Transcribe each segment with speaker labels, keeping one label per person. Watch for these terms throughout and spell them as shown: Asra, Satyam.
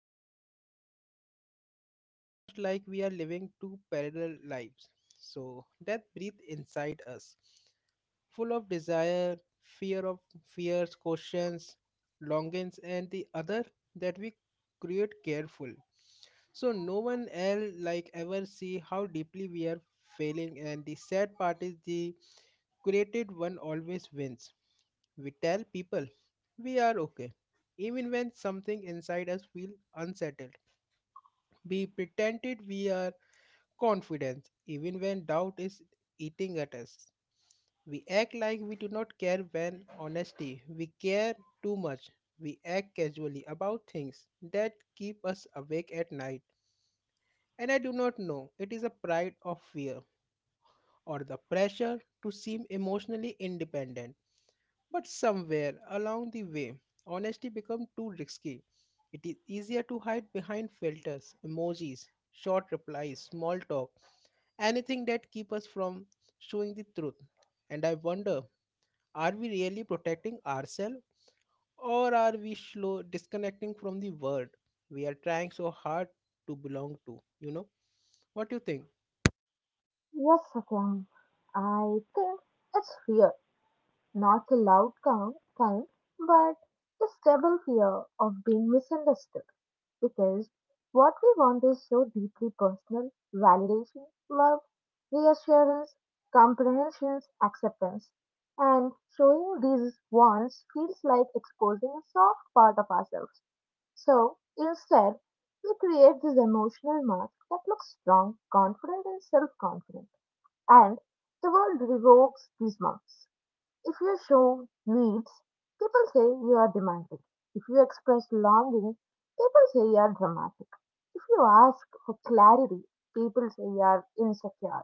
Speaker 1: show the world. It is almost like we are living two parallel lives. So death breathes inside us full of desire, fear of fears, questions, longings, and the other that we create careful. So no one else like ever see how deeply we are failing, and the sad part is the created one always wins. We tell people we are okay even when something inside us feel unsettled. We pretended we are confidence even when doubt is eating at us. We act like we do not care when honesty, we care too much. We act casually about things that keep us awake at night. And I do not know, it is a pride of fear or the pressure to seem emotionally independent. But somewhere along the way, honesty becomes too risky. It is easier to hide behind filters, emojis, short replies, small talk, anything that keep us from showing the truth. And I wonder, are we really protecting ourselves or are we slow disconnecting from the world we are trying so hard to belong to, you know? What do you think?
Speaker 2: Yes, Satyam, I think it's fear, not the loud kind, but the stable fear of being misunderstood. Because what we want is so deeply personal validation, love, reassurance, comprehension, acceptance. And showing these wants feels like exposing a soft part of ourselves. So instead, we create this emotional mask that looks strong, confident, and self confident. And the world revokes these marks. If you show needs, people say you are demanding. If you express longing, people say you are dramatic. If you ask for clarity, people say you are insecure.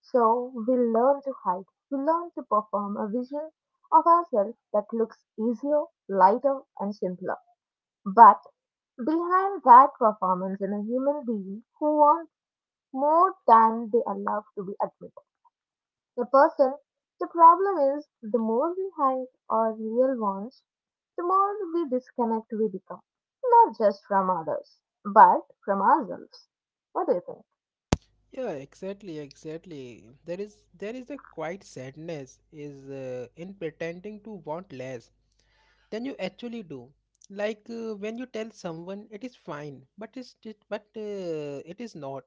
Speaker 2: So we learn to hide. We learn to perform a vision of ourselves that looks easier, lighter, and simpler. But behind that performance is a human being who wants more than they allow to be admitted. A person. The problem is, the more we hide our real wants, the more we disconnect we become. Not just from others, but from ourselves. What do you think?
Speaker 1: Yeah, exactly, exactly. There is a quiet sadness is in pretending to want less than you actually do. Like, when you tell someone it is fine, but it is not,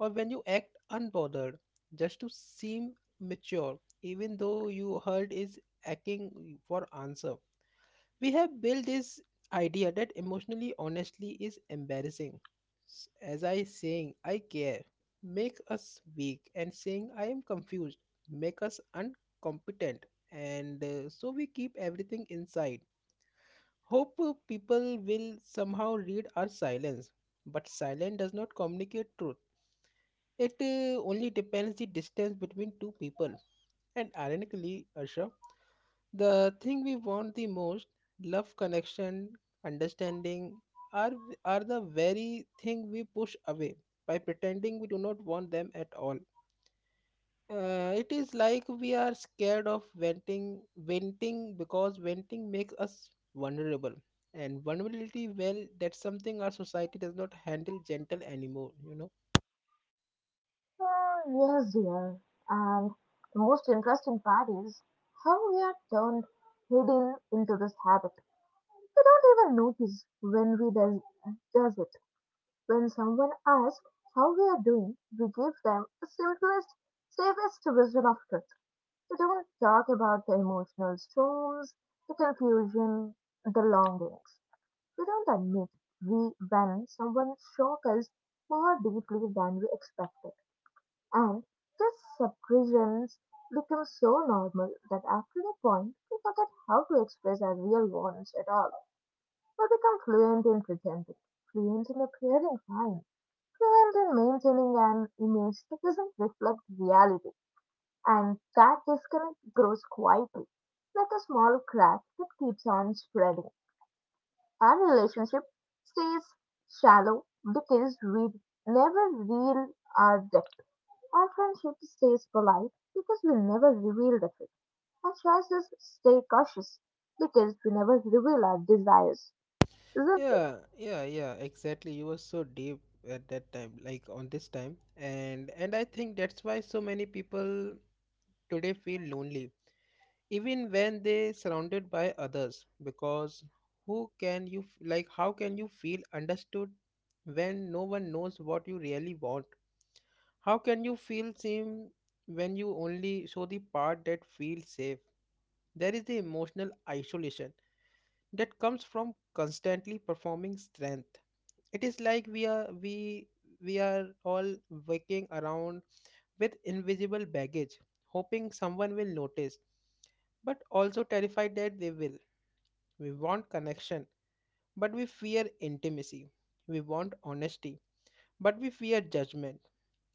Speaker 1: or when you act unbothered just to seem mature, even though you heard is aching for answer. We have built this idea that emotionally honestly is embarrassing. As I saying I care make us weak and saying I am confused make us incompetent and so we keep everything inside. Hope people will somehow read our silence, but silence does not communicate truth. It only depends the distance between two people. And ironically, Asha, the thing we want the most, love, connection, understanding, are are the very thing we push away by pretending we do not want them at all. It is like we are scared of venting because venting makes us vulnerable, and vulnerability, well, that's something our society does not handle gentle anymore. You know?
Speaker 2: Yes, dear. And the most interesting part is how we are turned hidden into this habit. We don't even notice when we does it. When someone asks how we are doing, we give them the simplest, safest version of truth. We don't talk about the emotional storms, the confusion, the longings. We don't admit we when someone shocks us more deeply than we expected. And this suppressions becomes so normal that after a point we forget how to express our real wants at all. We become fluent in pretending, fluent in appearing fine, fluent in maintaining an image that doesn't reflect reality, and that disconnect grows quietly, like a small crack that keeps on spreading. Our relationship stays shallow because we never reveal our depth. Our friendship stays polite because we never reveal the truth. Our choices stay cautious because we never reveal our desires. Isn't it?
Speaker 1: Yeah, yeah, yeah. Exactly. You were so deep at that time, like on this time, and I think that's why so many people today feel lonely even when they surrounded by others because who can you f- like how can you feel understood when no one knows what you really want, how can you feel seen when you only show the part that feels safe? There is the emotional isolation that comes from constantly performing strength. It is like we are all working around with invisible baggage, hoping someone will notice, but also terrified that they will. We want connection, but we fear intimacy. We want honesty, but we fear judgment.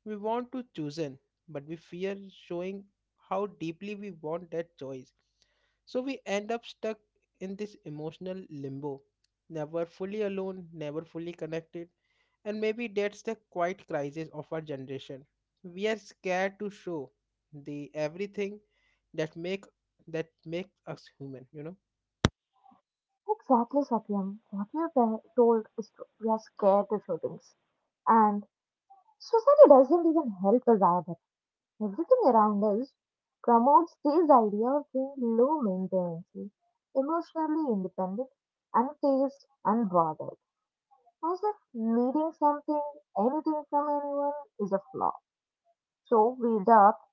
Speaker 1: We want to chosen, but we fear showing how deeply we want that choice. So we end up stuck in this emotional limbo, never fully alone, never fully connected, and maybe that's the quiet crisis of our generation. We are scared to show the everything that makes us human, you know?
Speaker 2: Exactly, Satyam. What you're told is true. We are scared to show things. And society doesn't even help us either. Everything around us promotes this idea of being low maintenance, emotionally independent, unfazed, unbothered, as if needing something, anything from anyone is a flaw. So we adopt,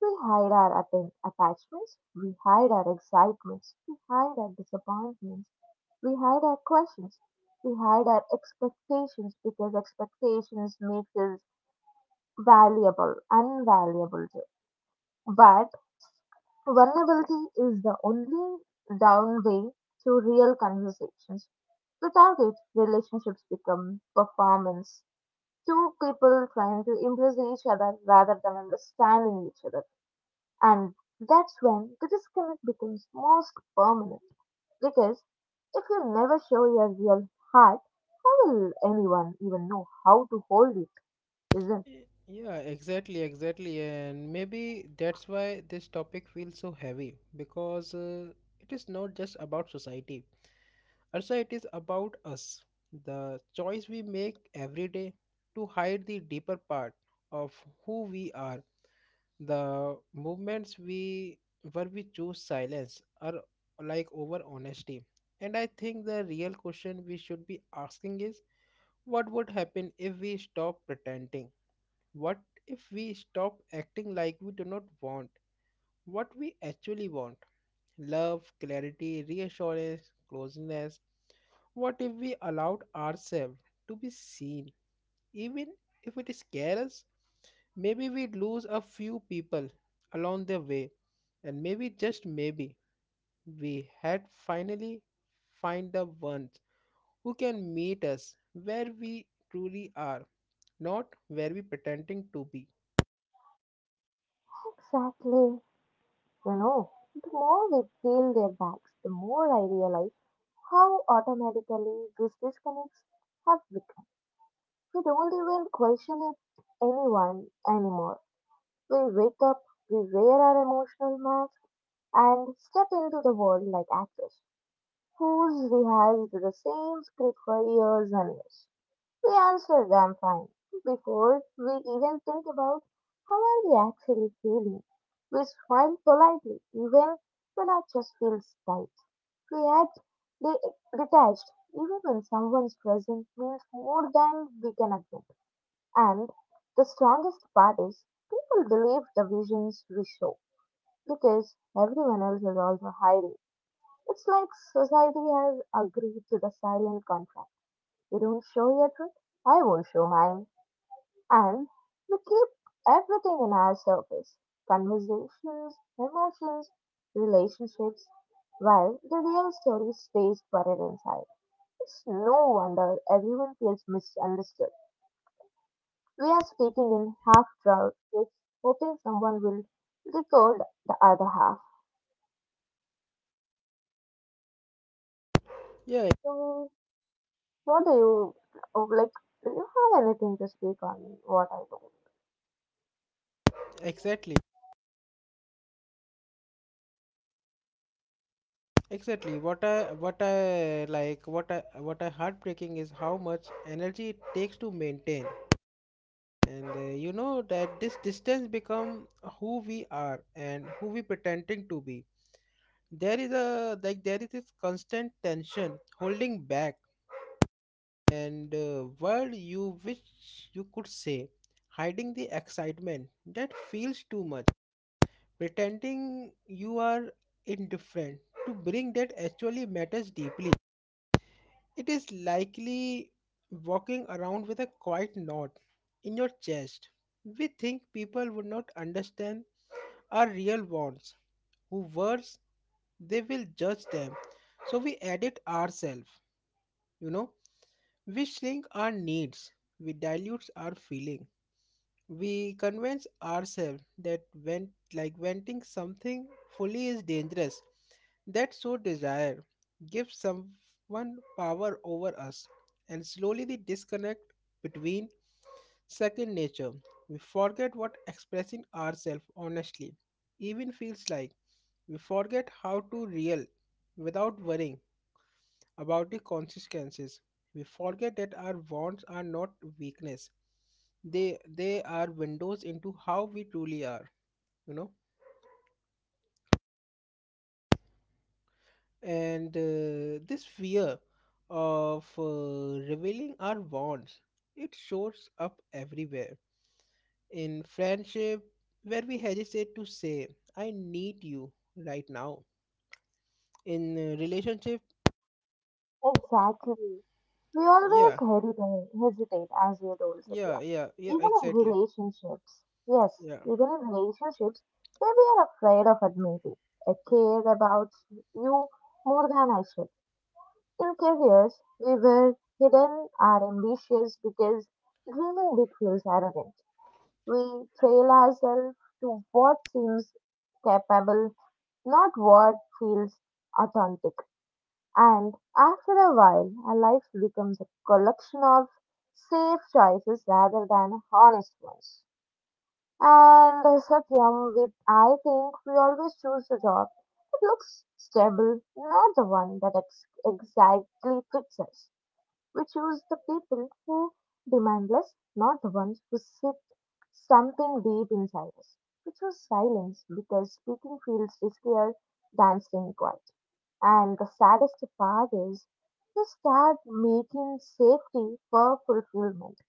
Speaker 2: we hide our attachments, we hide our excitements, we hide our disappointments, we hide our questions, we hide our expectations because expectations makes us valuable, invaluable too. But vulnerability is the only down way to real conversations. Without it, relationships become performance. Two people trying to impress each other rather than understanding each other. And that's when the disconnect becomes most permanent. Because if you never show your real heart, how will anyone even know how to hold it, isn't?
Speaker 1: Yeah, exactly, exactly. And maybe that's why this topic feels so heavy because it is not just about society. Also, it is about us, the choice we make every day to hide the deeper part of who we are, the movements we where we choose silence are like over honesty. And I think the real question we should be asking is, what would happen if we stop pretending? What if we stop acting like we do not want what we actually want? Love, clarity, reassurance, closeness. What if we allowed ourselves to be seen even if it scares us? Maybe we lose a few people along the way, and maybe just maybe we had finally find the ones who can meet us where we truly are, not where we pretending to be.
Speaker 2: Exactly. You know, the more we peel their backs, the more I realize how automatically these disconnects have become. We don't even question it anyone anymore. We wake up, we wear our emotional mask, and step into the world like actors whose rehearsed the same script for years and years. We answer them fine before we even think about how are we actually feeling. We smile politely even when our chest feels tight. We act detached even when someone's presence means more than we can admit. And the strongest part is people believe the visions we show because everyone else is also hiding. It's like society has agreed to the silent contract. You don't show your truth, I won't show mine. And we keep everything in our surface conversations, emotions, relationships while the real story stays buried inside. It's no wonder everyone feels misunderstood. We are speaking in half truths, hoping someone will decode the other half.
Speaker 1: Yeah,
Speaker 2: So, what do you like? Do you have anything to speak on what I do?
Speaker 1: exactly. Exactly. What I like what I heartbreaking is how much energy it takes to maintain. And you know that this distance become who we are and who we pretending to be. There is this constant tension holding back and word you wish you could say, hiding the excitement that feels too much, pretending you are indifferent to bring that actually matters deeply. It is likely walking around with a quiet knot in your chest. We think people would not understand our real wants, who worse, they will judge them. So we edit ourselves, you know. We shrink our needs, we dilute our feeling, we convince ourselves that when like venting something fully is dangerous, that so desire gives someone power over us, and slowly the disconnect between second nature, we forget what expressing ourselves honestly even feels like. We forget how to real without worrying about the consequences. We forget that our wants are not weakness. They are windows into how we truly are, you know. And this fear of revealing our wants, it shows up everywhere. In friendship, where we hesitate to say, I need you right now. In relationship,
Speaker 2: Exactly. We always
Speaker 1: yeah,
Speaker 2: hesitate as we adults
Speaker 1: yeah,
Speaker 2: appear.
Speaker 1: yeah, yeah,
Speaker 2: Even in
Speaker 1: exactly.
Speaker 2: relationships. Yes,
Speaker 1: Yeah.
Speaker 2: even in relationships where we are afraid of admitting. I care about you more than I should. In careers, we were hidden our ambitions because dreaming big feels arrogant. We trail ourselves to what seems capable, not what feels authentic. And after a while, our life becomes a collection of safe choices rather than honest ones. And Satyam, with I think we always choose the job that looks stable, not the one that exactly fits us. We choose the people who demand less, not the ones who sit something deep inside us. We choose silence because speaking feels riskier than staying quiet. And the saddest part is we start making safety for fulfillment,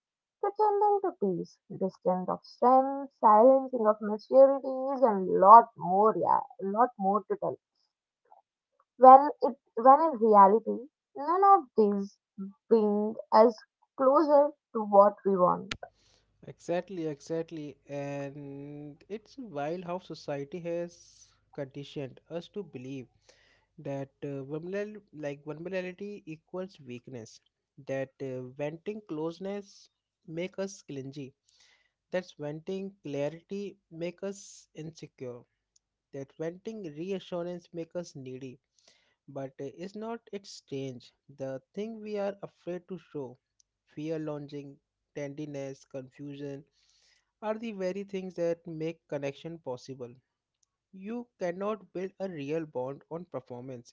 Speaker 2: pretending to peace, distant of strength, silencing of maturities, and lot more, yeah, lot more to tell when it when in reality none of these bring us closer to what we want.
Speaker 1: Exactly, exactly. And it's wild how society has conditioned us to believe that vulnerable, like vulnerability equals weakness, that venting closeness make us clingy, that's venting clarity make us insecure, that venting reassurance makes us needy. But is not it strange? The thing we are afraid to show, fear longing, tenderness, confusion, are the very things that make connection possible. You cannot build a real bond on performance.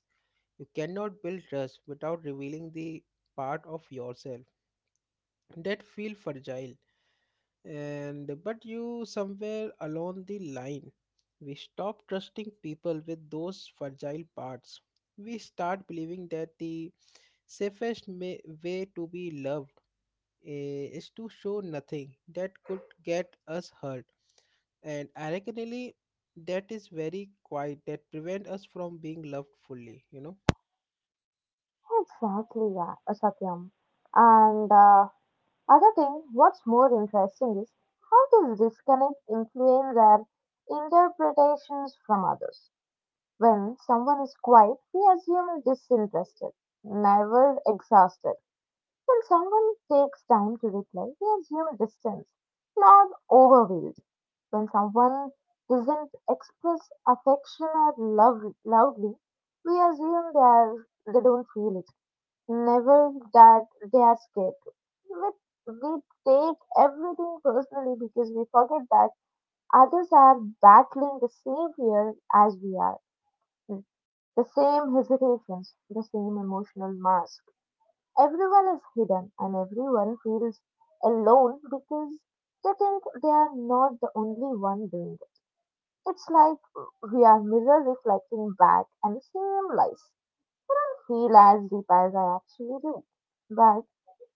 Speaker 1: You cannot build trust without revealing the part of yourself that feel fragile, and but you somewhere along the line we stop trusting people with those fragile parts. We start believing that the safest way to be loved is to show nothing that could get us hurt, and ironically that is very quiet that prevent us from being loved fully, you know.
Speaker 2: Exactly, yeah, Satyam. And other thing, what's more interesting is how this disconnect influence our interpretations from others. When someone is quiet, we assume disinterested, never exhausted. When someone takes time to reply, we assume distance, not overwhelmed. When someone doesn't express affection or love loudly, we assume they are they don't feel it. Never that they are scared. We take everything personally because we forget that others are battling the same fear as we are. Hmm. The same hesitations, the same emotional mask. Everyone is hidden and everyone feels alone because they think they are not the only one doing it. It's like we are mirror reflecting back and same lies. I don't feel as deep as I actually do. But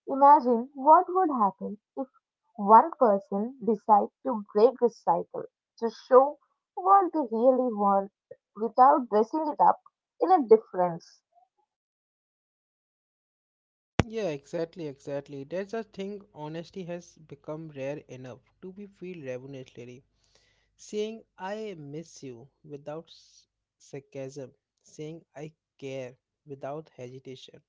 Speaker 2: imagine what would happen if one person decides to break this cycle, to show what they really want without dressing it up in a difference.
Speaker 1: Yeah, exactly, exactly, that's a thing. Honesty has become rare enough to be feel revolutionary. Saying I miss you without s- sarcasm, saying I care without hesitation,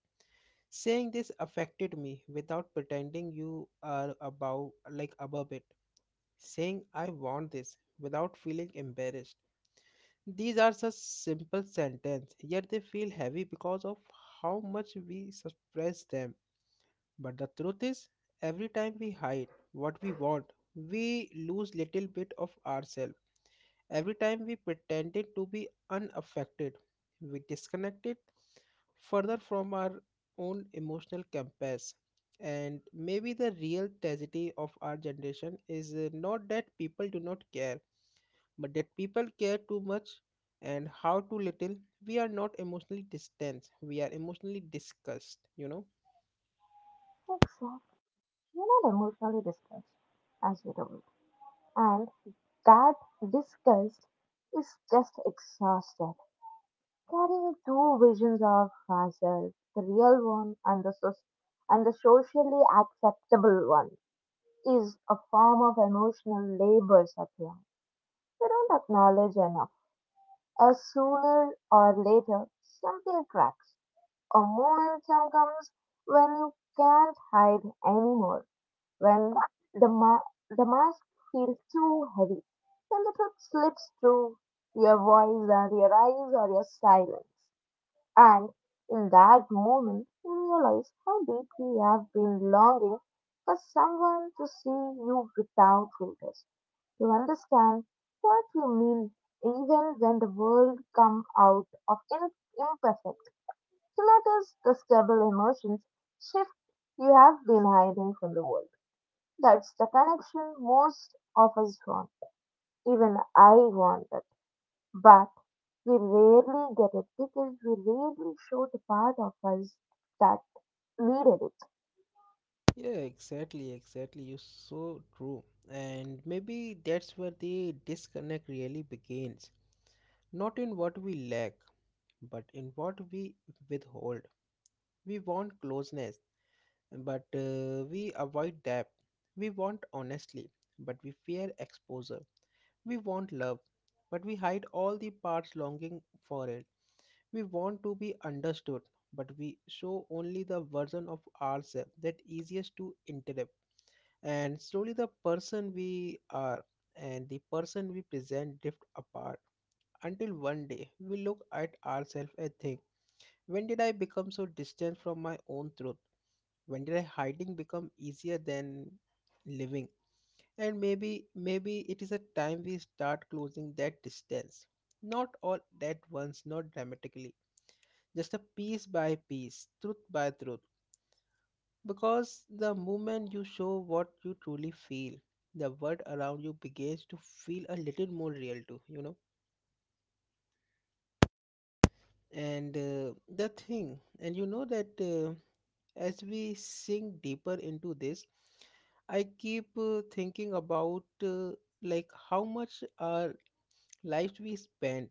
Speaker 1: saying this affected me without pretending you are above it, saying I want this without feeling embarrassed. These are such simple sentences, yet they feel heavy because of how much we suppress them. But the truth is, every time we hide what we want, we lose little bit of ourselves. Every time we pretended to be unaffected, we disconnected further from our own emotional compass. And maybe the real tragedy of our generation is not that people do not care, but that people care too much and how too little. We are not emotionally distant, we are emotionally disgust, you know.
Speaker 2: Exactly. You're not emotionally distressed, as you told me. And that disgust is just exhausted. Carrying two visions of myself, the real one and the and the socially acceptable one, is a form of emotional labor, Satya. We don't acknowledge enough. As sooner or later, something cracks. A momentum comes when you can't hide anymore, when the mask feels too heavy, when the truth slips through your voice and your eyes or your silence. And in that moment, you realize how deeply you have been longing for someone to see you without filters. You understand what you mean even when the world comes out of imperfect. To notice the stable emotions shift you have been hiding from the world. That's the connection most of us want. Even I wanted. But we rarely get it because we rarely show the part of us that needed it.
Speaker 1: Yeah, exactly, exactly. You're so true. And maybe that's where the disconnect really begins. Not in what we lack, but in what we withhold. We want closeness, but we avoid depth. We want honesty, but we fear exposure. We want love, but we hide all the parts longing for it. We want to be understood, but we show only the version of ourselves that easiest to interpret, and slowly the person we are and the person we present drift apart until one day we look at ourselves and think, when did I become so distant from my own truth? When did I hiding become easier than living? And maybe it is a time we start closing that distance, not all at once, not dramatically, just a piece by piece, truth by truth. Because the moment you show what you truly feel, the world around you begins to feel a little more real too, you know. And you know that, as we sink deeper into this, I keep thinking about like how much our lives we spend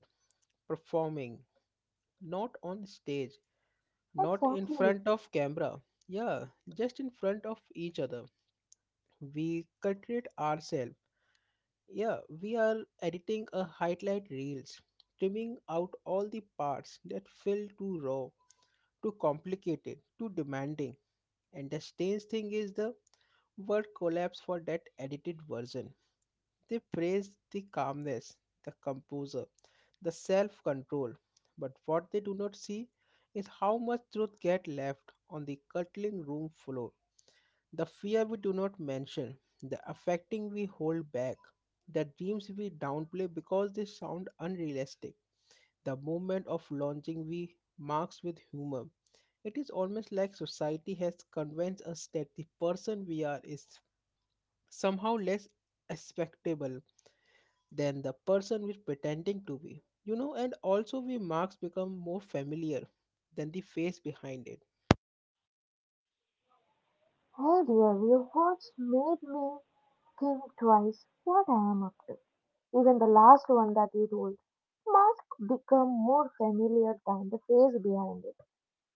Speaker 1: performing, not on stage, not in
Speaker 2: Exactly.
Speaker 1: front of camera, yeah, just in front of each other. We cultivate ourselves. Yeah, we are editing a highlight reels, trimming out all the parts that feel too raw, too complicated, too demanding. And the strange thing is the word collapse for that edited version. They praise the calmness, the composer, the self control. But what they do not see is how much truth gets left on the cutting room floor. The fear we do not mention, the affecting we hold back, the dreams we downplay because they sound unrealistic, the moment of launching we marks with humor. It is almost like society has convinced us that the person we are is somehow less expectable than the person we're pretending to be. And also we marks become more familiar than the face behind it.
Speaker 2: Earlier, your words made me think twice what I am up to. Even the last one that you told, mask become more familiar than the face behind it.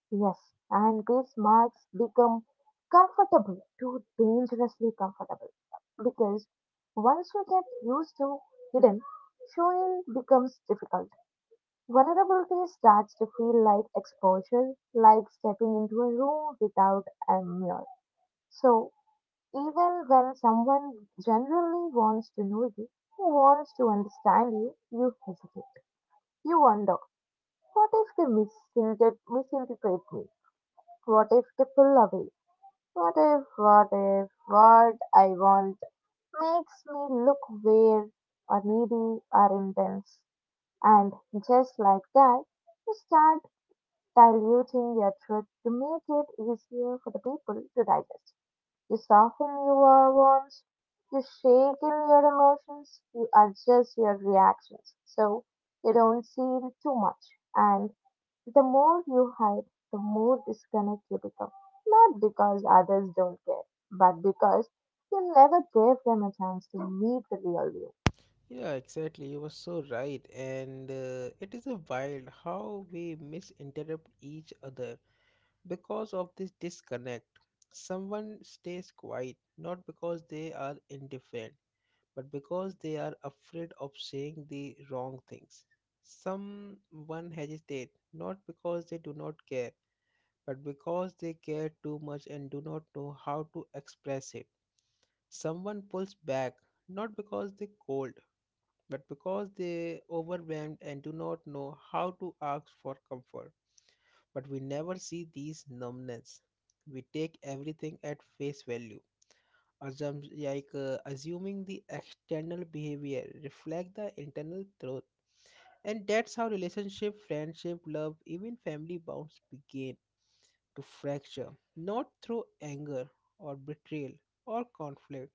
Speaker 2: Yes, and these marks become comfortable, too dangerously comfortable. Because once you get used to hidden, showing becomes difficult. Vulnerability starts to feel like exposure, like stepping into a room without a mirror. So, even when someone generally wants to know you, who wants to understand you, you hesitate. You wonder, what if they misinterpret me? What if they pull away? What if, what I want makes me look weird or needy or intense? And just like that, you start diluting their truth to make it easier for the people to digest. You soften your words, you shake in your emotions, you adjust your reactions so you don't seem too much. And the more you hide, the more disconnect you become. Not because others don't care, but because you never gave them a chance to meet the real you.
Speaker 1: Yeah, exactly. You were so right. And it is a wild how we misinterpret each other because of this disconnect. Someone stays quiet not because they are indifferent, but because they are afraid of saying the wrong things. Someone hesitate not because they do not care but because they care too much and do not know how to express it. Someone pulls back not because they're cold, but because they're overwhelmed and do not know how to ask for comfort. But we never see these numbness. We take everything at face value. Assuming the external behavior reflect the internal truth, and that's how relationship friendship love even family bonds begin to fracture, not through anger or betrayal or conflict,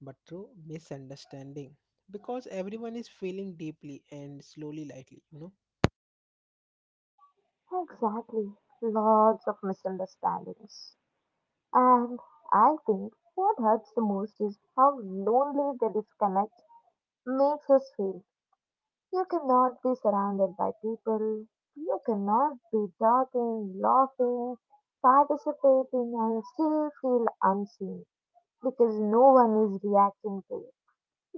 Speaker 1: but through misunderstanding. Because everyone is feeling deeply and slowly, lightly, you know?
Speaker 2: Exactly. Lots of misunderstandings. And I think what hurts the most is how lonely the disconnect makes us feel. You cannot be surrounded by people. You cannot be talking, laughing, participating, and still feel unseen because no one is reacting to you.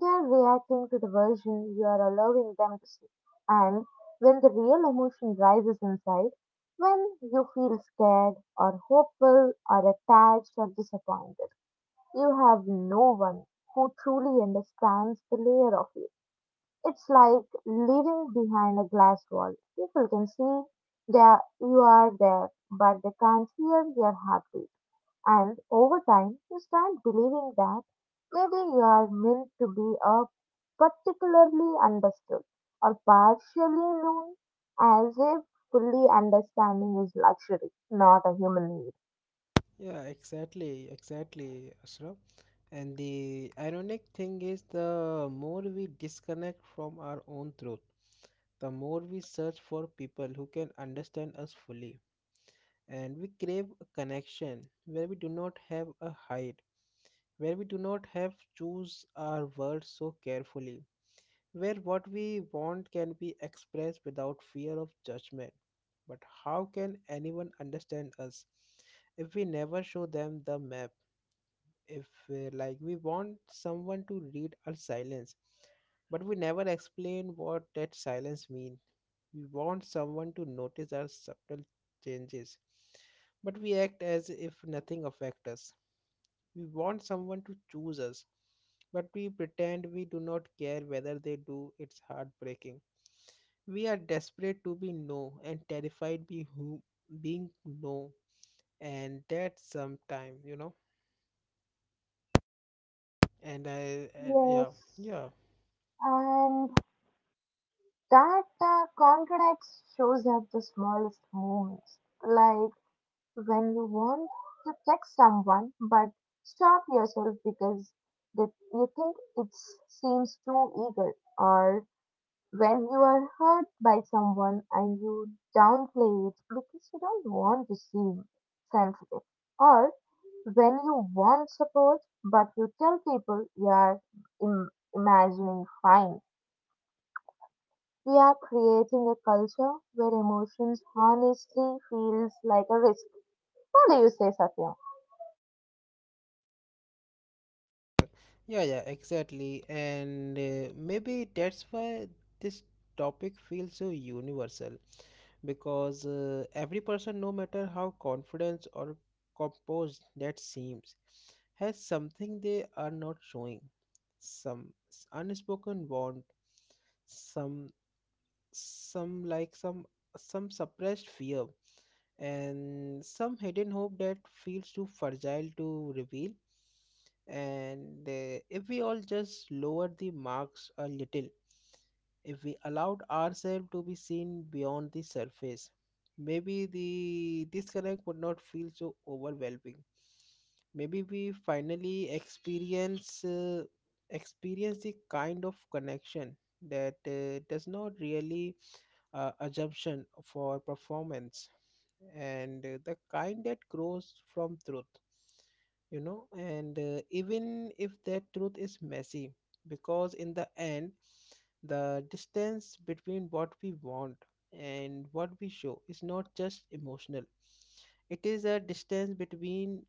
Speaker 2: They are reacting to the version you are allowing them to see. And when the real emotion rises inside, when you feel scared or hopeful or attached or disappointed, you have no one who truly understands the layer of you. It's like living behind a glass wall. People can see that you are there, but they can't hear your heartbeat. And over time, you start believing that maybe you are meant to be a particularly understood or partially known, as if fully understanding is luxury, not a human need.
Speaker 1: Yeah, exactly, exactly, Asra. And the ironic thing is, the more we disconnect from our own truth, the more we search for people who can understand us fully. And we crave a connection where we do not have a hide, where we do not have choose our words so carefully, where what we want can be expressed without fear of judgment. But how can anyone understand us if we never show them the map? If like we want someone to read our silence, but we never explain what that silence means. We want someone to notice our subtle changes, but we act as if nothing affects us. We want someone to choose us, but we pretend we do not care whether they do. It's heartbreaking. We are desperate to be no and terrified be who being no, and that sometime, you know. And I, uh, yeah,
Speaker 2: Yes,
Speaker 1: yeah.
Speaker 2: and that contradicts shows at the smallest moments, like when you want to text someone but stop yourself because that you think it seems too eager, or when you are hurt by someone and you downplay it because you don't want to seem sensitive, or when you want support but you tell people you are Im- imagining fine. We are creating a culture where emotions honestly feels like a risk. What do you say, Satyam?
Speaker 1: Yeah, yeah, exactly. And Maybe that's why this topic feels so universal because every person, no matter how confident or composed that seems, has something they are not showing, unspoken want, some some like some some suppressed fear and some hidden hope that feels too fragile to reveal, and if we all just lowered the marks a little, if we allowed ourselves to be seen beyond the surface, maybe the disconnect would not feel so overwhelming, maybe we finally experience the kind of connection that does not really assumption for performance, and the kind that grows from truth, you know and even if that truth is messy, because in the end the distance between what we want and what we show is not just emotional, it is a distance between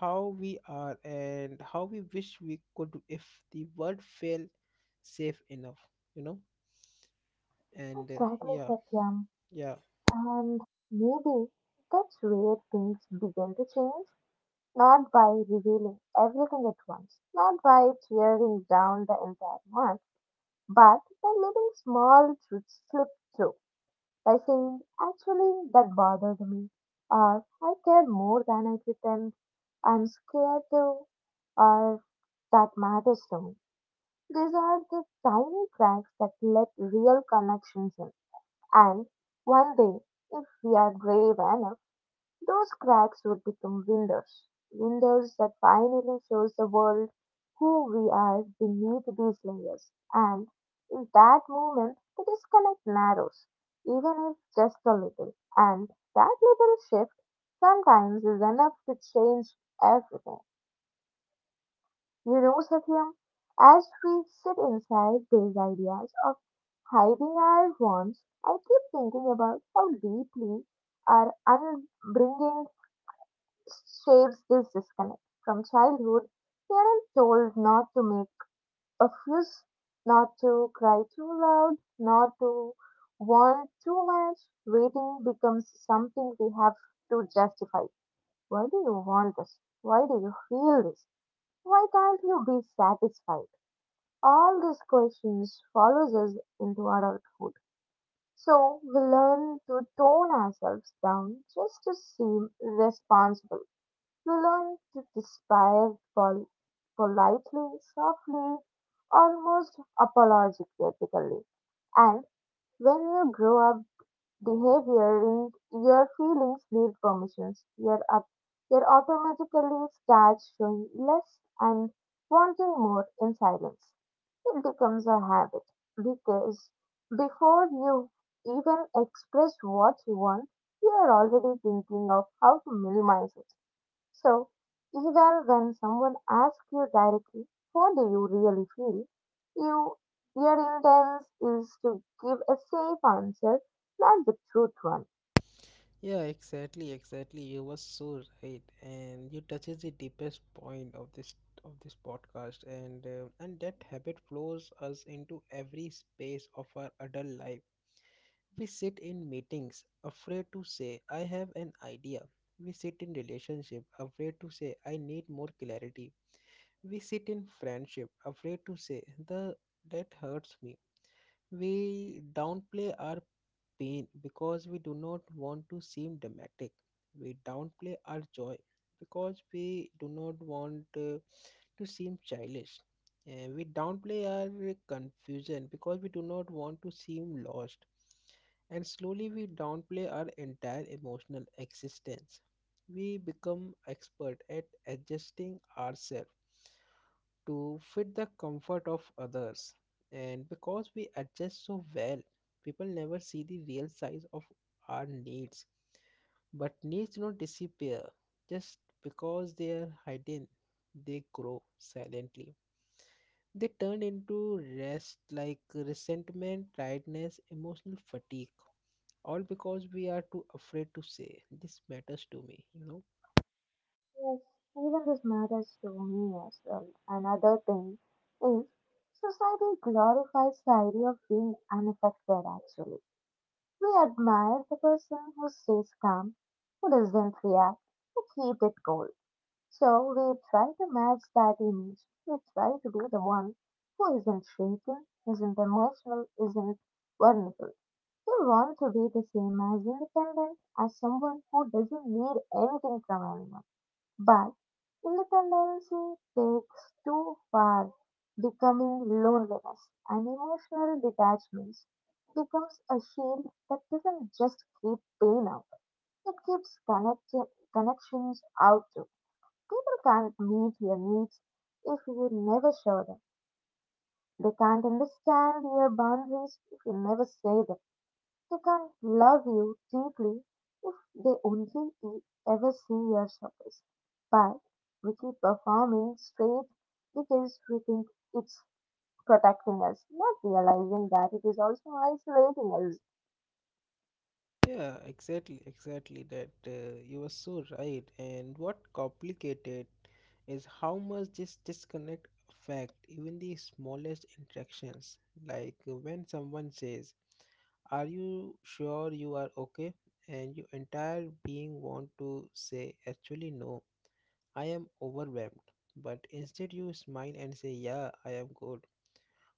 Speaker 1: how we are and how we wish we could if the world felt safe enough, you know and
Speaker 2: Exactly,
Speaker 1: yeah
Speaker 2: Satyam.
Speaker 1: yeah
Speaker 2: And maybe that's where things begin to change. Not by revealing everything at once, not by tearing down the entire month, but by letting small truths slip through. By saying, actually, that bothered me, or I care more than I pretend, I'm scared to, or that matters to me. These are the tiny cracks that let real connections in. And one day, if we are brave enough, those cracks would become windows. Windows that finally shows the world who we are beneath these layers. And in that moment, the disconnect narrows, even if just a little. And that little shift sometimes is enough to change everything. You know, Satyam, as we sit inside these ideas of hiding our wants, I keep thinking about how deeply our upbringing shapes this disconnect. From childhood, we are told not to make a fuss, not to cry too loud, not to want too much. Waiting becomes something we have to justify. Why do you want this? Why do you feel this? Why can't you be satisfied? All these questions follows us into adulthood. So we learn to tone ourselves down just to seem responsible. We learn to despair politely, softly, almost apologetically. And when you grow up, behavioring your feelings need permissions. Your up, your automatically starts showing less and wanting more in silence. It becomes a habit because before you even express what you want, you are already thinking of how to minimize it. So, even when someone asks you directly, "How do you really feel? You, your intent is to give a safe answer, not the truth one.
Speaker 1: Yeah, exactly, exactly, you were so right, and you touches the deepest point of this podcast, and that habit flows us into every space of our adult life. We sit in meetings afraid to say I have an idea, we sit in relationship afraid to say I need more clarity, we sit in friendship afraid to say the that hurts me. We downplay our pain because we do not want to seem dramatic. We downplay our joy because we do not want to seem childish. And we downplay our confusion because we do not want to seem lost. And slowly we downplay our entire emotional existence. We become expert at adjusting ourselves to fit the comfort of others. And because we adjust so well, people never see the real size of our needs. But needs don't disappear just because they are hidden, they grow silently. They turn into rest like resentment, tiredness, emotional fatigue, all because we are too afraid to say, "This matters to me," you know.
Speaker 2: Yes, even this matters to me as well. Another thing is society glorifies the idea of being unaffected actually. We admire the person who stays calm, who doesn't react, who keeps it cool. So we try to match that image. We try to be the one who isn't shaken, isn't emotional, isn't vulnerable. We want to be the same as independent as someone who doesn't need anything from anyone. But literacy takes too far, becoming loneliness and emotional detachment becomes a shield that doesn't just keep pain out, it keeps connections out too. People can't meet your needs if you never show them. They can't understand your boundaries if you never say them. They can love you deeply if they only ever see your surface. But we keep performing straight because we think it's protecting us, not realizing that it is also isolating us.
Speaker 1: Yeah, exactly, exactly that. You were so right. And what complicated is how much this disconnect affect even the smallest interactions. Like when someone says, "Are you sure you are okay?" and your entire being want to say, "Actually, no, I am overwhelmed." But instead, you smile and say, "Yeah, I am good."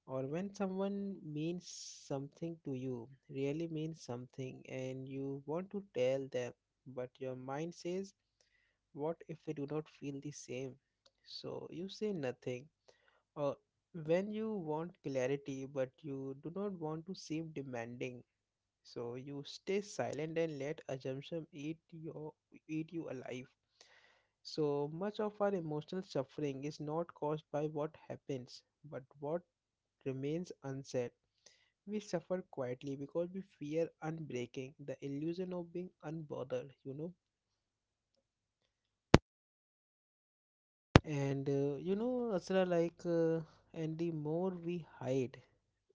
Speaker 1: Or when someone means something to you, really means something, and you want to tell them, but your mind says, "What if they do not feel the same?" So you say nothing. Or when you want clarity, but you do not want to seem demanding, so you stay silent and let assumption eat you alive. So much of our emotional suffering is not caused by what happens, but what remains unsaid. We suffer quietly because we fear unbreaking, the illusion of being unbothered, you know. Asra, like, and the more we hide,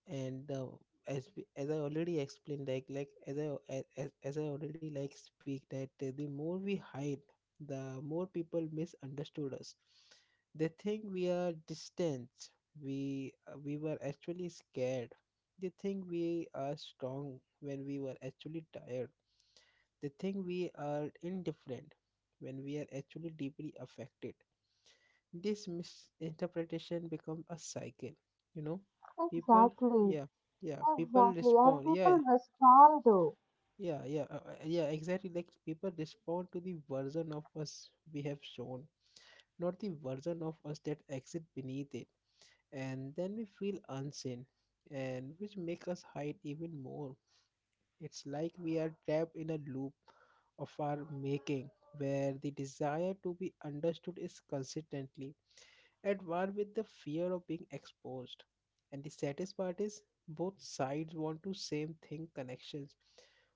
Speaker 1: and as we- as I already explained, like as I a- as I already like speak that the more we hide, the more people misunderstood us. They think we are distant. We were actually scared. They think we are strong when we were actually tired, they think we are indifferent when we are actually deeply affected. This misinterpretation becomes a cycle, you know. People,
Speaker 2: Exactly,
Speaker 1: yeah, yeah, people
Speaker 2: exactly, and
Speaker 1: respond,
Speaker 2: people
Speaker 1: yeah,
Speaker 2: respond to.
Speaker 1: yeah, exactly. Like people respond to the version of us we have shown, not the version of us that exists beneath it. And then we feel unseen, and which make us hide even more. It's like we are trapped in a loop of our making where the desire to be understood is consistently at war with the fear of being exposed. And the saddest part is both sides want to same thing connections.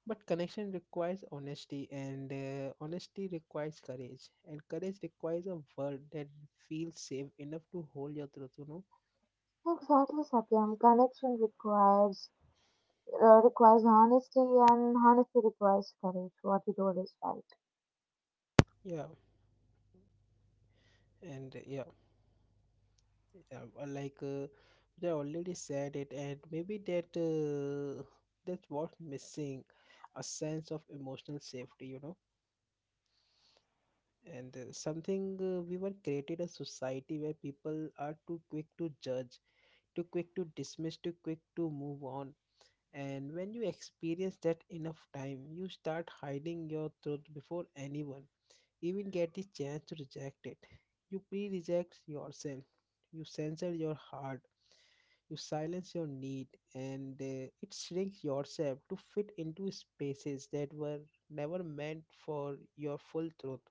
Speaker 1: But connection requires honesty, and honesty requires courage, and courage requires a world that feels safe enough to hold your truth, you know?
Speaker 2: Exactly, Satyam. Connection requires requires honesty, and honesty requires courage. What you told is right.
Speaker 1: Yeah, and yeah. Yeah, well, I already said it, and maybe that's what's missing, a sense of emotional safety, you know, and something we were created a society where people are too quick to judge, too quick to dismiss, too quick to move on. And when you experience that enough time, you start hiding your truth before anyone even get the chance to reject it. You pre reject yourself, you censor your heart, you silence your need, and it shrinks yourself to fit into spaces that were never meant for your full truth.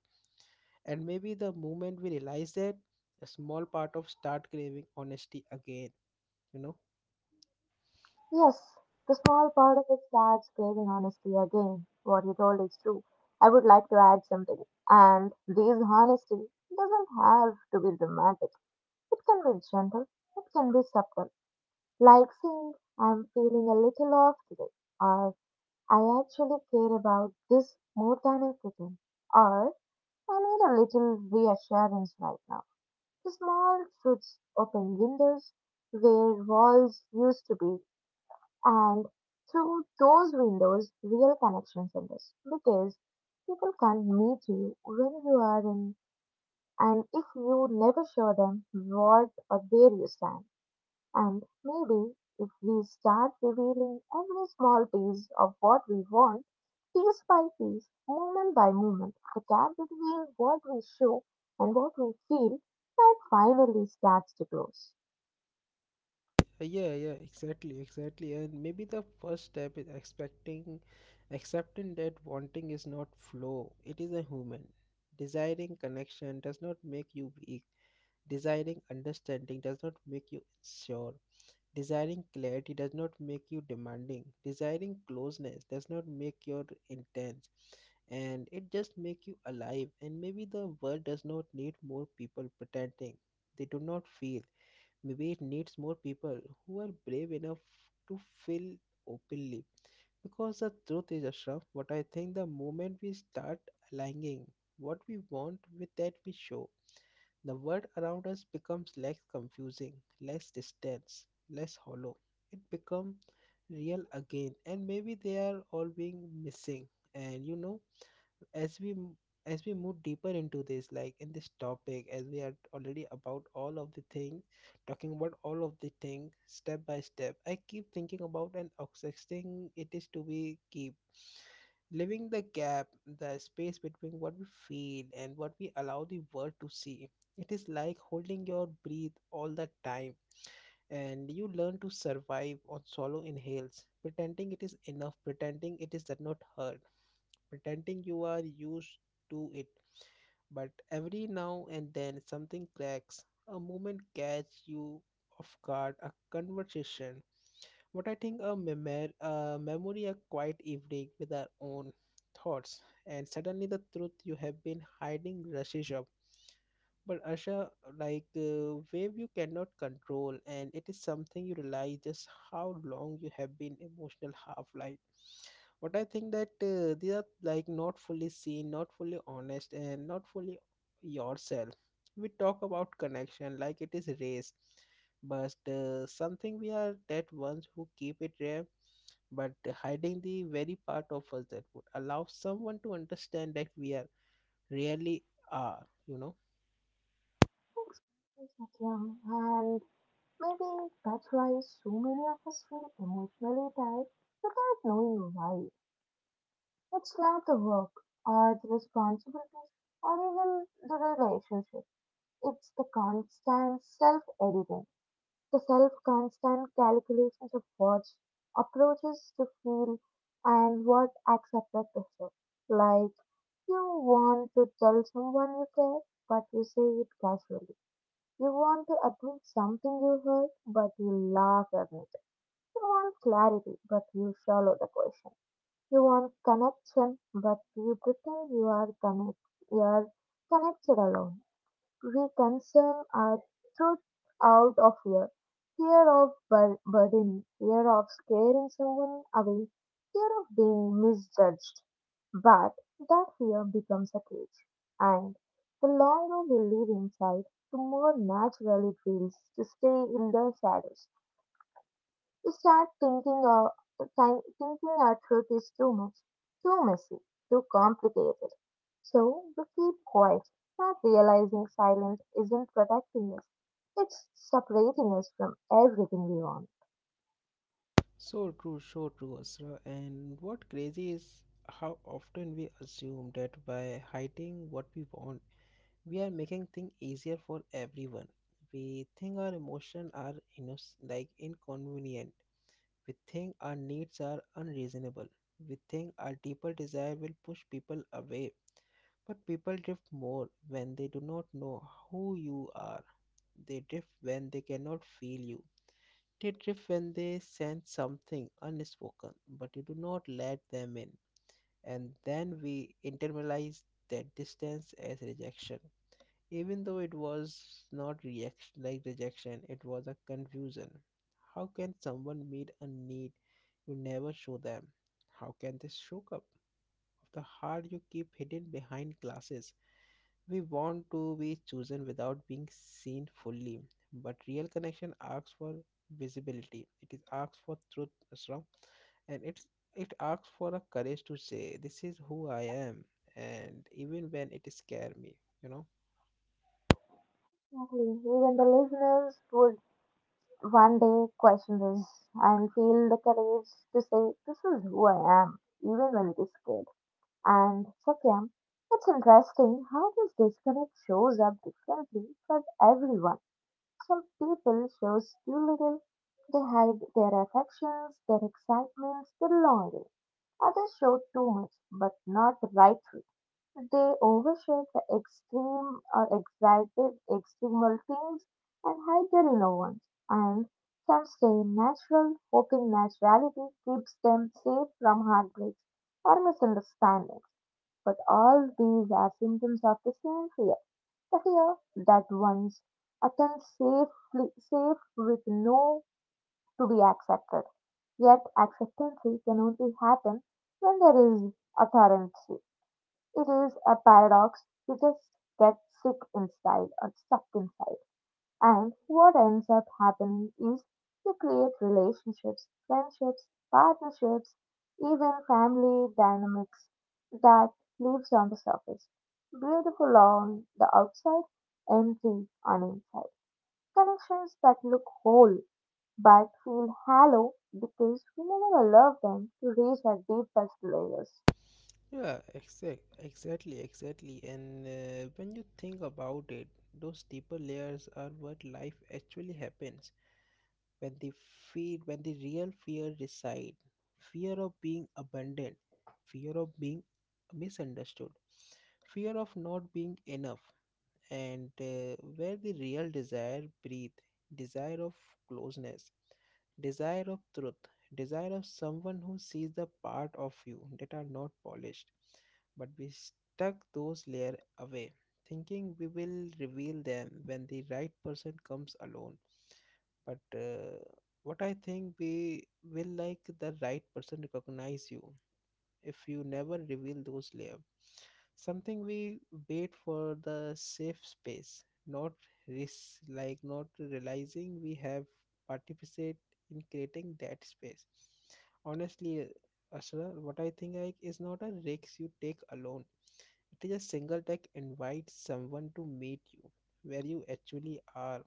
Speaker 1: And maybe the moment we realize that, a small part of start craving honesty again, you know.
Speaker 2: Yes, the small part of it starts craving honesty again. What you told is true. I would like to add something. And this honesty doesn't have to be dramatic. It can be gentle. It can be subtle. Like saying, I'm feeling a little off today. Or, I actually care about this more than I pretend. Or, I need a little reassurance right now. The small truths open windows where walls used to be and through those windows, real connection exists because people can meet you when you are in, and if you never show them what or where you stand. And maybe if we start revealing every small piece of what we want, piece by piece, moment by moment, the gap between what we show and what we feel, that finally starts to close.
Speaker 1: Yeah, yeah, exactly, exactly, and maybe the first step is expecting accepting that wanting is not flow, it is a human. Desiring connection does not make you weak, desiring understanding does not make you sure, desiring clarity does not make you demanding, desiring closeness does not make you intense, and it just make you alive. And maybe the world does not need more people pretending they do not feel. Maybe it needs more people who are brave enough to feel openly. Because the truth is, Ashraf, what I think the moment we start aligning what we want with that we show, the world around us becomes less confusing, less distant, less hollow. It becomes real again, and maybe they are all being missing. And you know, as we m- as we move deeper into this, like in this topic, as we are already about all of the thing, talking about all of the thing step by step, I keep thinking about and accepting it is to be keep living the gap, the space between what we feel and what we allow the world to see. It is like holding your breath all the time, and you learn to survive on solo inhales, pretending it is enough, pretending it is that not hurt, pretending you are used to it. But every now and then something cracks. A moment catch you off guard, a conversation. What I think a, a memory, a quiet evening with our own thoughts, and suddenly the truth you have been hiding rushes up. But Asha, like wave you cannot control, and it is something you realize just how long you have been emotional half life, but I think that they are like not fully seen, not fully honest, and not fully yourself. We talk about connection like it is race, but something we are that ones who keep it rare, but hiding the very part of us that would allow someone to understand that we are really are, you know.
Speaker 2: Thanks, Satyam. And maybe that's why so many of us feel emotionally tired without knowing why. It's not the work or the responsibilities or even the relationship. It's the constant self editing, the self constant calculations of what's approaches to feel and what accepted to feel. Like you want to tell someone you care, but you say it casually. You want to admit something you heard, but you laugh at it. You want clarity, but you shallow the question. You want connection, but you pretend you are connected alone. We concern our truth out of fear. Fear of burden, fear of scaring someone away, fear of being misjudged. But that fear becomes a cage. And the longer we live inside, the more natural it feels to stay in the shadows. You start thinking of thinking our truth is too much, too messy, too complicated. So we keep quiet, not realizing silence isn't protecting us. It's separating us from everything we want.
Speaker 1: So true, so true, Asra. And what crazy is how often we assume that by hiding what we want we are making things easier for everyone. We think our emotions are inconvenient. We think our needs are unreasonable. We think our deeper desire will push people away. But people drift more when they do not know who you are. They drift when they cannot feel you. They drift when they sense something unspoken, but you do not let them in. And then we internalize that distance as rejection. Even though it was not reaction like rejection, it was a confusion. How can someone meet a need you never show them? How can they show up of the heart you keep hidden behind glasses? We want to be chosen without being seen fully, but real connection asks for visibility. It is asks for truth, Asram, and it asks for a courage to say, "This is who I am," and even when it scare me, you know.
Speaker 2: Exactly. Even the listeners would one day question this and feel the courage to say, This is who I am, even when it is scared. And Satyam, it's interesting how this disconnect shows up differently for everyone. Some people show too little; they hide their affections, their excitements, their longing. Others show too much, but not the right way. They overshare the extreme or excited extremal things and hide their inner ones. And some stay natural, hoping naturality keeps them safe from heartbreaks or misunderstandings. But all these are symptoms of the same fear fear that one's attempts safely safe with no to be accepted. Yet acceptance can only happen when there is authority. It is a paradox. You just get sick inside or stuck inside. And what ends up happening is you create relationships, friendships, partnerships, even family dynamics that lives on the surface. Beautiful on the outside, empty on inside. Connections that look whole but feel hollow because we never allow them to reach our deepest layers.
Speaker 1: Yeah, exactly. And When you think about it, those deeper layers are what life actually happens. When the fear, when the real fear reside, fear of being abandoned, fear of being misunderstood, fear of not being enough, and where the real desire breathe, desire of closeness, desire of truth, desire of someone who sees the part of you that are not polished, but we stuck those layer away thinking we will reveal them when the right person comes alone, but what I think we will like the right person recognize you if you never reveal those layers. Something we wait for the safe space, not risk, like not realizing we have participate in creating that space. Honestly, Ashra, what I think like is not a risk you take alone. It is a single tech invite someone to meet you where you actually are.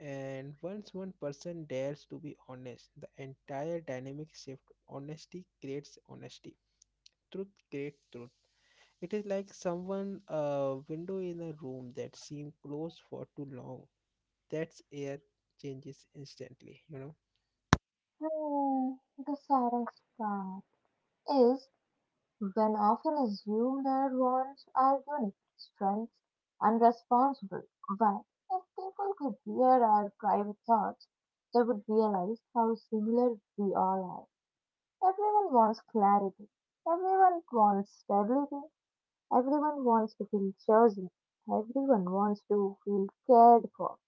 Speaker 1: And once one person dares to be honest, the entire dynamic shift. Honesty creates honesty, truth, great truth. It is like someone a window in a room that seemed closed for too long. That's air changes instantly, you know.
Speaker 2: Hmm, the saddest part is Then often assume their wants are unique, strengths, and responsible. But if people could hear our private thoughts, they would realize how similar we all are. Everyone wants clarity. Everyone wants stability. Everyone wants to feel chosen. Everyone wants to feel cared for.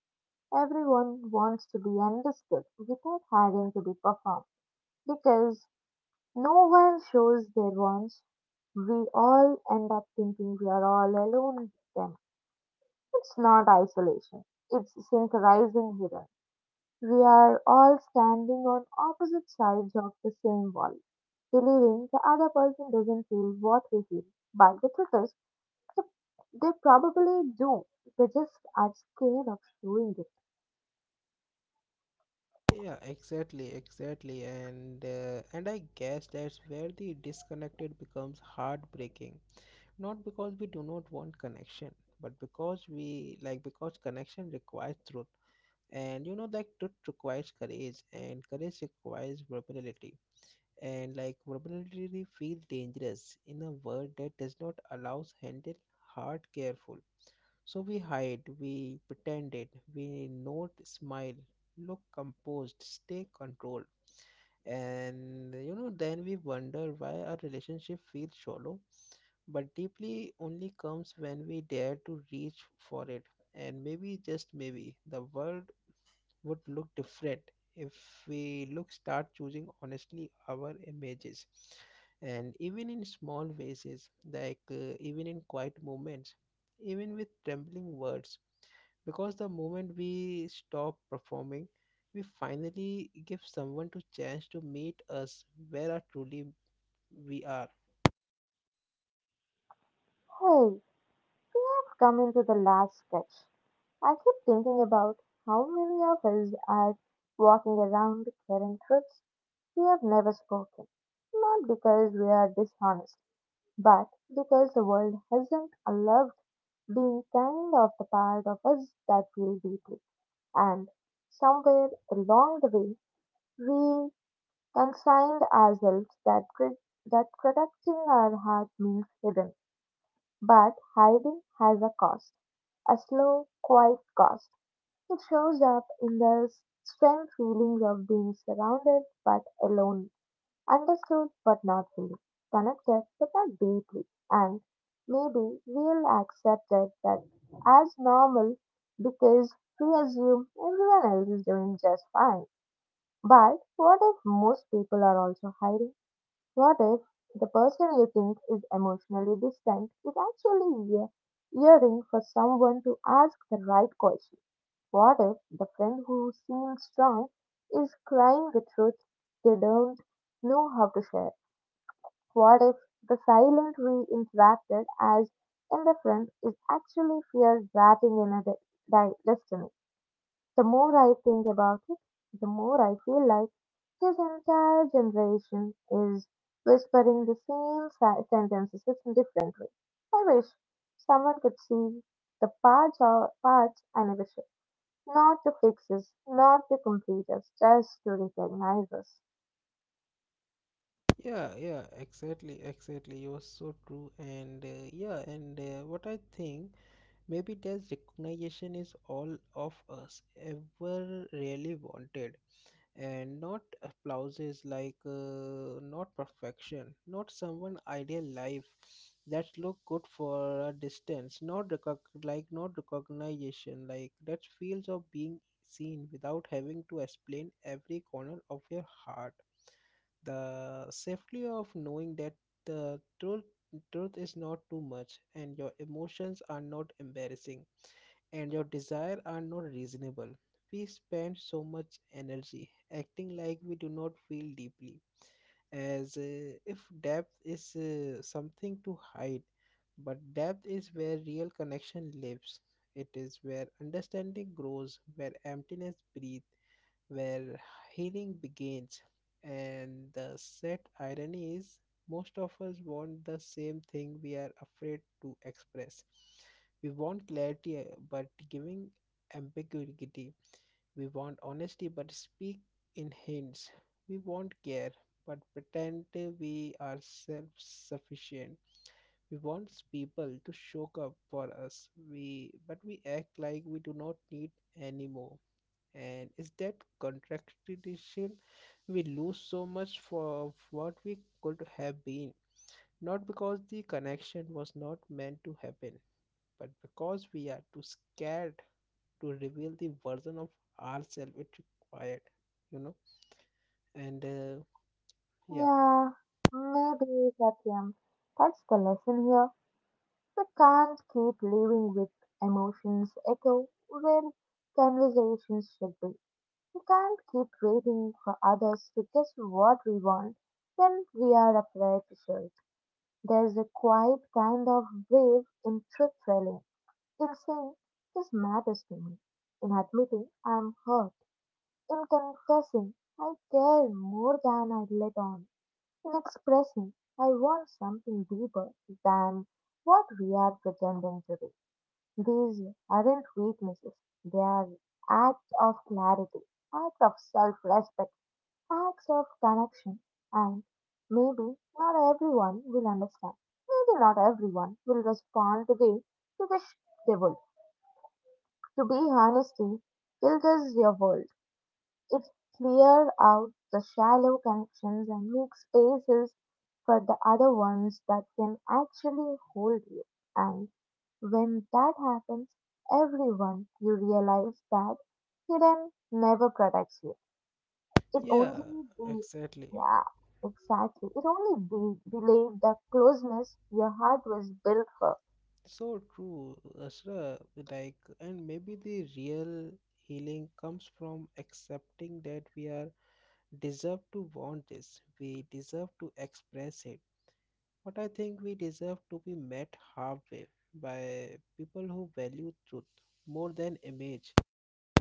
Speaker 2: Everyone wants to be understood without having to be performed. Because no one shows their ones. We all end up thinking we are all alone then. It's not isolation, it's synchronizing hidden. We are all standing on opposite sides of the same wall, believing the other person doesn't feel what we feel. But the truth is, th- they probably do. They just are scared of showing it.
Speaker 1: Yeah, exactly, and I guess that's where the disconnected becomes heartbreaking. Not because we do not want connection, but because we like because connection requires truth, and you know that truth requires courage, and courage requires vulnerability. And like vulnerability feel dangerous in a world that does not allow handle hard careful, so we hide, we pretend it, we not smile, look composed, stay controlled, and you know then we wonder why our relationship feels shallow, but deeply only comes when we dare to reach for it, and maybe just maybe the world would look different if we look start choosing honestly our images, and even in small ways, like even in quiet moments, even with trembling words, because the moment we stop performing, we finally give someone to chance to meet us where are truly we are.
Speaker 2: Hey, we have come into the last stretch. I keep thinking about how many of us are walking around carrying truths we have never spoken, not because we are dishonest, but because the world hasn't allowed being kind of the part of us that feel deeply. And somewhere along the way, we consigned ourselves that protecting our heart means hidden, but hiding has a cost, a slow, quiet cost. It shows up in the strong feelings of being surrounded but alone, understood but not fully, connected but not deeply, and maybe we'll accept it that as normal because we assume everyone else is doing just fine. But what if most people are also hiding? What if the person you think is emotionally distant is actually yearning for someone to ask the right question? What if the friend who seemed strong is crying the truth they don't know how to share? What if the silent we interacted as in the friend is actually fear wrapping in a destiny? The more I think about it, the more I feel like his entire generation is whispering the same sentences in different ways. I wish someone could see the parts, or parts I never saw. Not to fix us, not to complete us, just to recognize us.
Speaker 1: Yeah exactly, you are so true, and what I think maybe that recognition is all of us ever really wanted, and not applauses, like not perfection, not someone ideal life that look good for a distance, not recognition like that feels of being seen without having to explain every corner of your heart, the safety of knowing that the truth truth is not too much, and your emotions are not embarrassing, and your desire are not reasonable. We spend so much energy acting like we do not feel deeply, as if depth is something to hide. But depth is where real connection lives. It is where understanding grows, where emptiness breathes, where healing begins. And the sad irony is, most of us want the same thing we are afraid to express. We want clarity, but giving ambiguity. We want honesty, but speak in hints. We want care, but pretend we are self sufficient. We want people to show up for us, but we act like we do not need any more, and is that contradiction we lose so much for of what we could have been, not because the connection was not meant to happen, but because we are too scared to reveal the version of ourselves it required, you know. And yeah
Speaker 2: Yeah, maybe, Satyam. That's the lesson here. We can't keep living with emotions echo where conversations should be. We can't keep waiting for others to guess what we want when we are afraid to show it. There's a quiet kind of wave in truth telling, in saying, This matters to me, in admitting I'm hurt In confessing, I care more than I let on. In expressing, I want something deeper than what we are pretending to be. These aren't weaknesses, they are acts of clarity, acts of self respect, acts of connection, and maybe not everyone will understand. Maybe not everyone will respond the way you wish they would. To be honest, guilt is your world. It clears out the shallow connections and makes spaces for the other ones that can actually hold you. And when that happens, everyone, you realize that hidden never protects you. It
Speaker 1: yeah
Speaker 2: only
Speaker 1: exactly
Speaker 2: yeah, exactly. It only delayed the closeness your heart was built for.
Speaker 1: So true, Asra, like and maybe the real healing comes from accepting that we are deserve to want this. We deserve to express it. But I think we deserve to be met halfway by people who value truth more than image.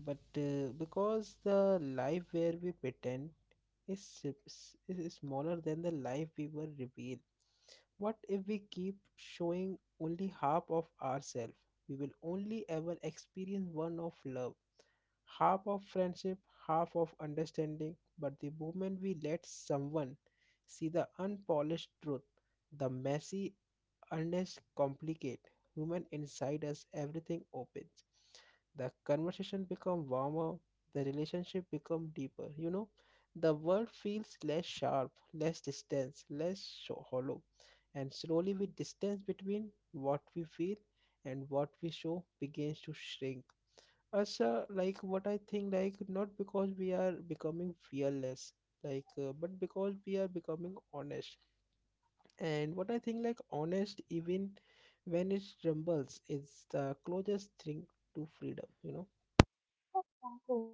Speaker 1: But Because the life where we pretend is smaller than the life we were revealed, what if we keep showing only half of ourselves? We will only ever experience one of love, half of friendship, half of understanding. But the moment we let someone see the unpolished truth, the messy, honest, complicate human inside us, everything opens. The conversation become warmer, the relationship become deeper. You know, the world feels less sharp, less distance, hollow, and slowly, with distance between what we feel and what we show begins to shrink. Asha, like what I think, like not because we are becoming fearless, like but because we are becoming honest. And what I think, like honest, even when it trembles, is the closest thing to freedom. You know?
Speaker 2: Exactly.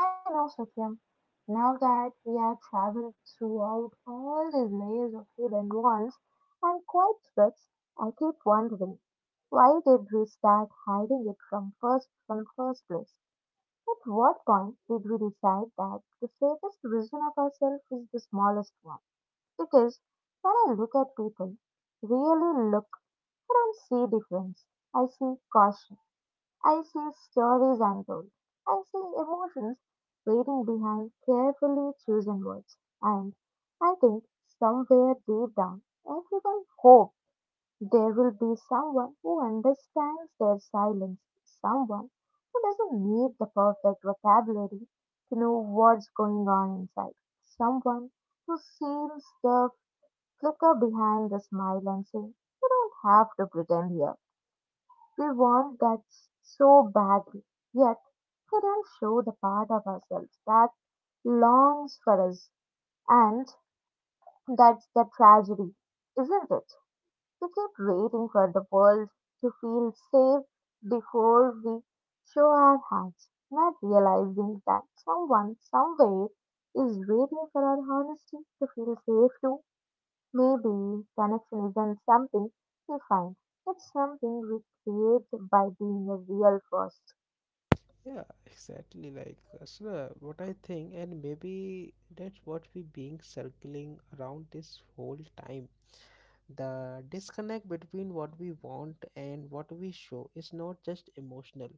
Speaker 2: I mean, also, Kim, now that we have traveled throughout all these layers of hidden walls and quiet streets, I keep wondering why did we start hiding it from first place? At what point did we decide that the safest version of ourselves is the smallest one? Because when I look at people, really look, I don't see difference. I see caution. I see stories untold. I see emotions waiting behind carefully chosen words. And I think somewhere deep down, everyone hopes there will be someone who understands their silence, someone who doesn't need the perfect vocabulary to know what's going on inside, someone who sees the flicker behind the smile and say, You don't have to pretend here. We want that so badly. Yet, could all show the part of ourselves that longs for us. And that's the tragedy, isn't it? We keep waiting for the world to feel safe before we show our hands, not realizing that someone somewhere is waiting for our honesty to feel safe too. Maybe connection isn't something we find, it's something we create by being a real first.
Speaker 1: Yeah, exactly. Like Asha, what I think, and maybe that's what we being circling around this whole time. The disconnect between what we want and what we show is not just emotional,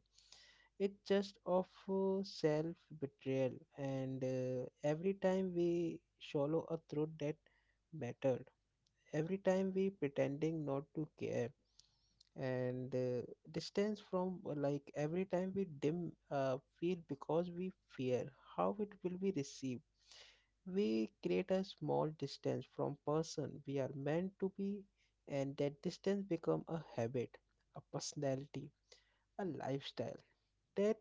Speaker 1: it's just of self betrayal, and every time we swallow a truth that mattered, every time we pretending not to care, and distance from every time we dim feel because we fear how it will be received, we create a small distance from person we are meant to be, and that distance become a habit, a personality, a lifestyle, that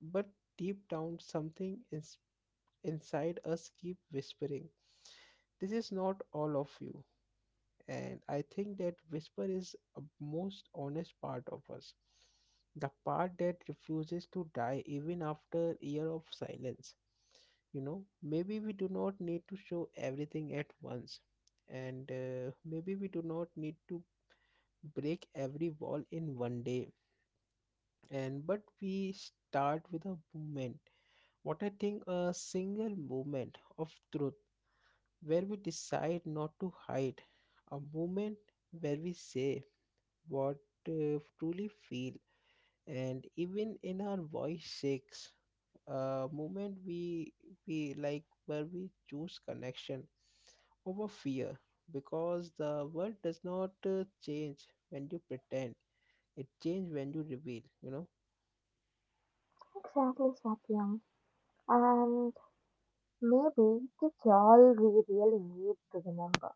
Speaker 1: but deep down something is inside us keep whispering, this is not all of you, and I think that whisper is a most honest part of us, the part that refuses to die even after year of silence, you know. Maybe we do not need to show everything at once, and maybe we do not need to break every wall in one day, and but we start with a movement, what I think a single moment of truth where we decide not to hide, a moment where we say what truly feel, and even in our voice shakes, a moment we like where we choose connection over fear, because the world does not change when you pretend, it changes when you reveal, you know.
Speaker 2: Exactly, Satyam. And maybe that's all we really need to remember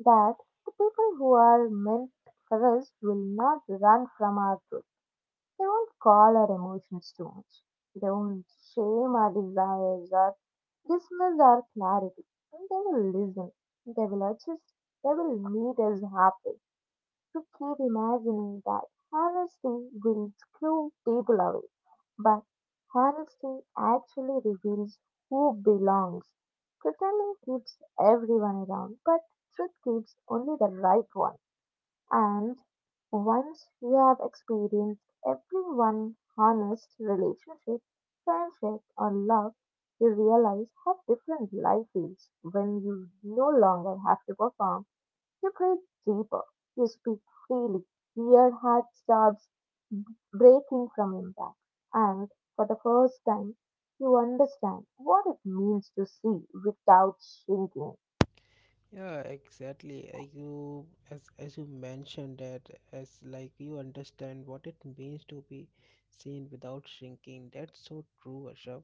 Speaker 2: that the people who are meant for us will not run from our truth. They won't call our emotions too much. They won't shame our desires or dismiss our clarity. They will listen. They will adjust. They will meet us halfway to keep imagining that honesty will screw people away, but honesty actually reveals who belongs. Pretending keeps everyone around, but truth keeps only the right one. And once you have experienced everyone honest relationship, friendship, or love, you realize how different life feels when you no longer have to perform you breathe deeper. You speak freely. Your heart stopped breaking from impact. And for the first time, you understand what it means to see without shrinking.
Speaker 1: Yeah, exactly. You, as you mentioned that, as like you understand what it means to be seen without shrinking. That's so true, Asha.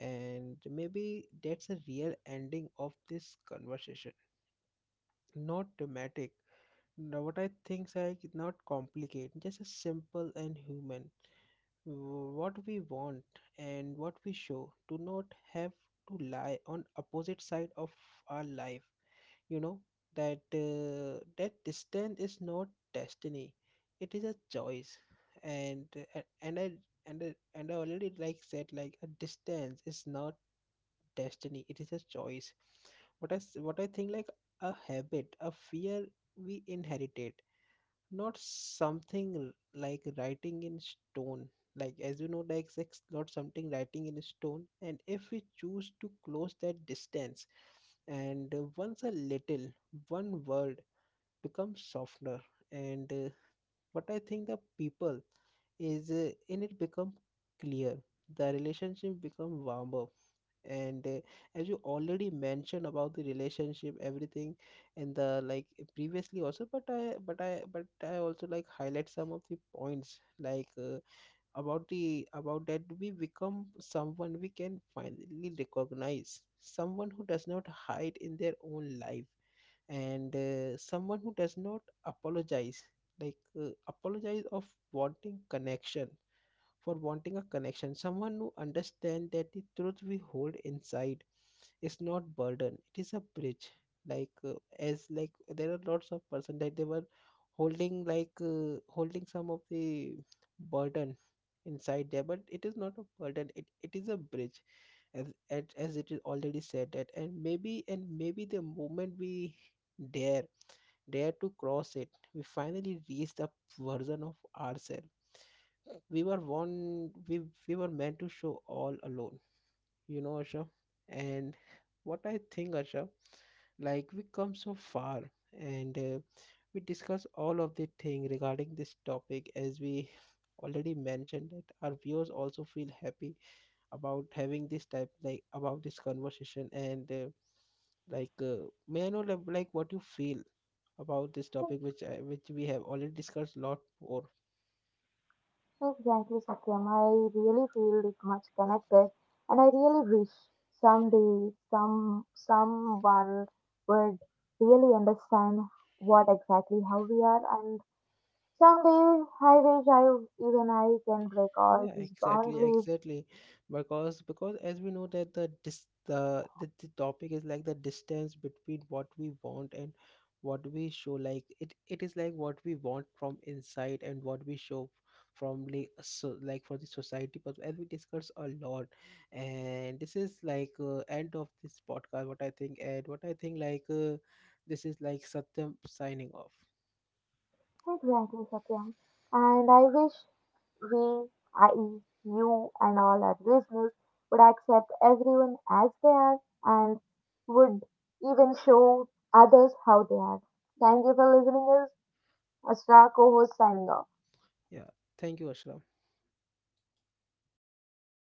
Speaker 1: And maybe that's a real ending of this conversation. Not dramatic. Now, what I think is like not complicated, just a simple and human. What we want and what we show do not have to lie on opposite side of our life, you know, that distance is not destiny, it is a choice, and uh, and i I already like said like a distance is not destiny, it is a choice, what I think like a habit, a fear we inherited, not something like writing in stone, like as you know like it's not something writing in stone, and if we choose to close that distance, and once a little, one word becomes softer, and what I think the people is in it become clear, the relationship become warmer, and as you already mentioned about the relationship everything in the like previously also, but i also like highlight some of the points, like about the about that we become someone we can finally recognize, someone who does not hide in their own life, and someone who does not apologize, like apologize of wanting connection, for wanting a connection, someone who understands that the truth we hold inside, it's not burden, it is a bridge, like as like there are lots of person that they were holding, like holding some of the burden inside there, but it is not a burden, it is a bridge, as it is already said that, and maybe the moment we dare, dare to cross it, we finally reach the version of ourselves we were one, we were meant to show all alone, you know Asha. And what I think, Asha, like we come so far, and we discuss all of the thing regarding this topic, as we already mentioned that our viewers also feel happy about having this type like about this conversation, and may I know like what you feel about this topic which we have already discussed lot more.
Speaker 2: Exactly, Satyam. I really feel it much connected, and I really wish someday someone would really understand what exactly how we are and Someday I wish I even I can break all
Speaker 1: Yeah,
Speaker 2: these boundaries
Speaker 1: exactly. Because as we know that the the topic is like the distance between what we want and what we show. Like it is like what we want from inside and what we show from like so like for the society. But as we discuss a lot, and this is like end of this podcast. What I think like this is like Satyam signing off.
Speaker 2: exactly Satyam. And I wish we, i.e. you and all our listeners, would accept everyone as they are and would even show others how they are. Thank you for listening us. Astra co-host signing off.
Speaker 1: Yeah, thank you, Ashram.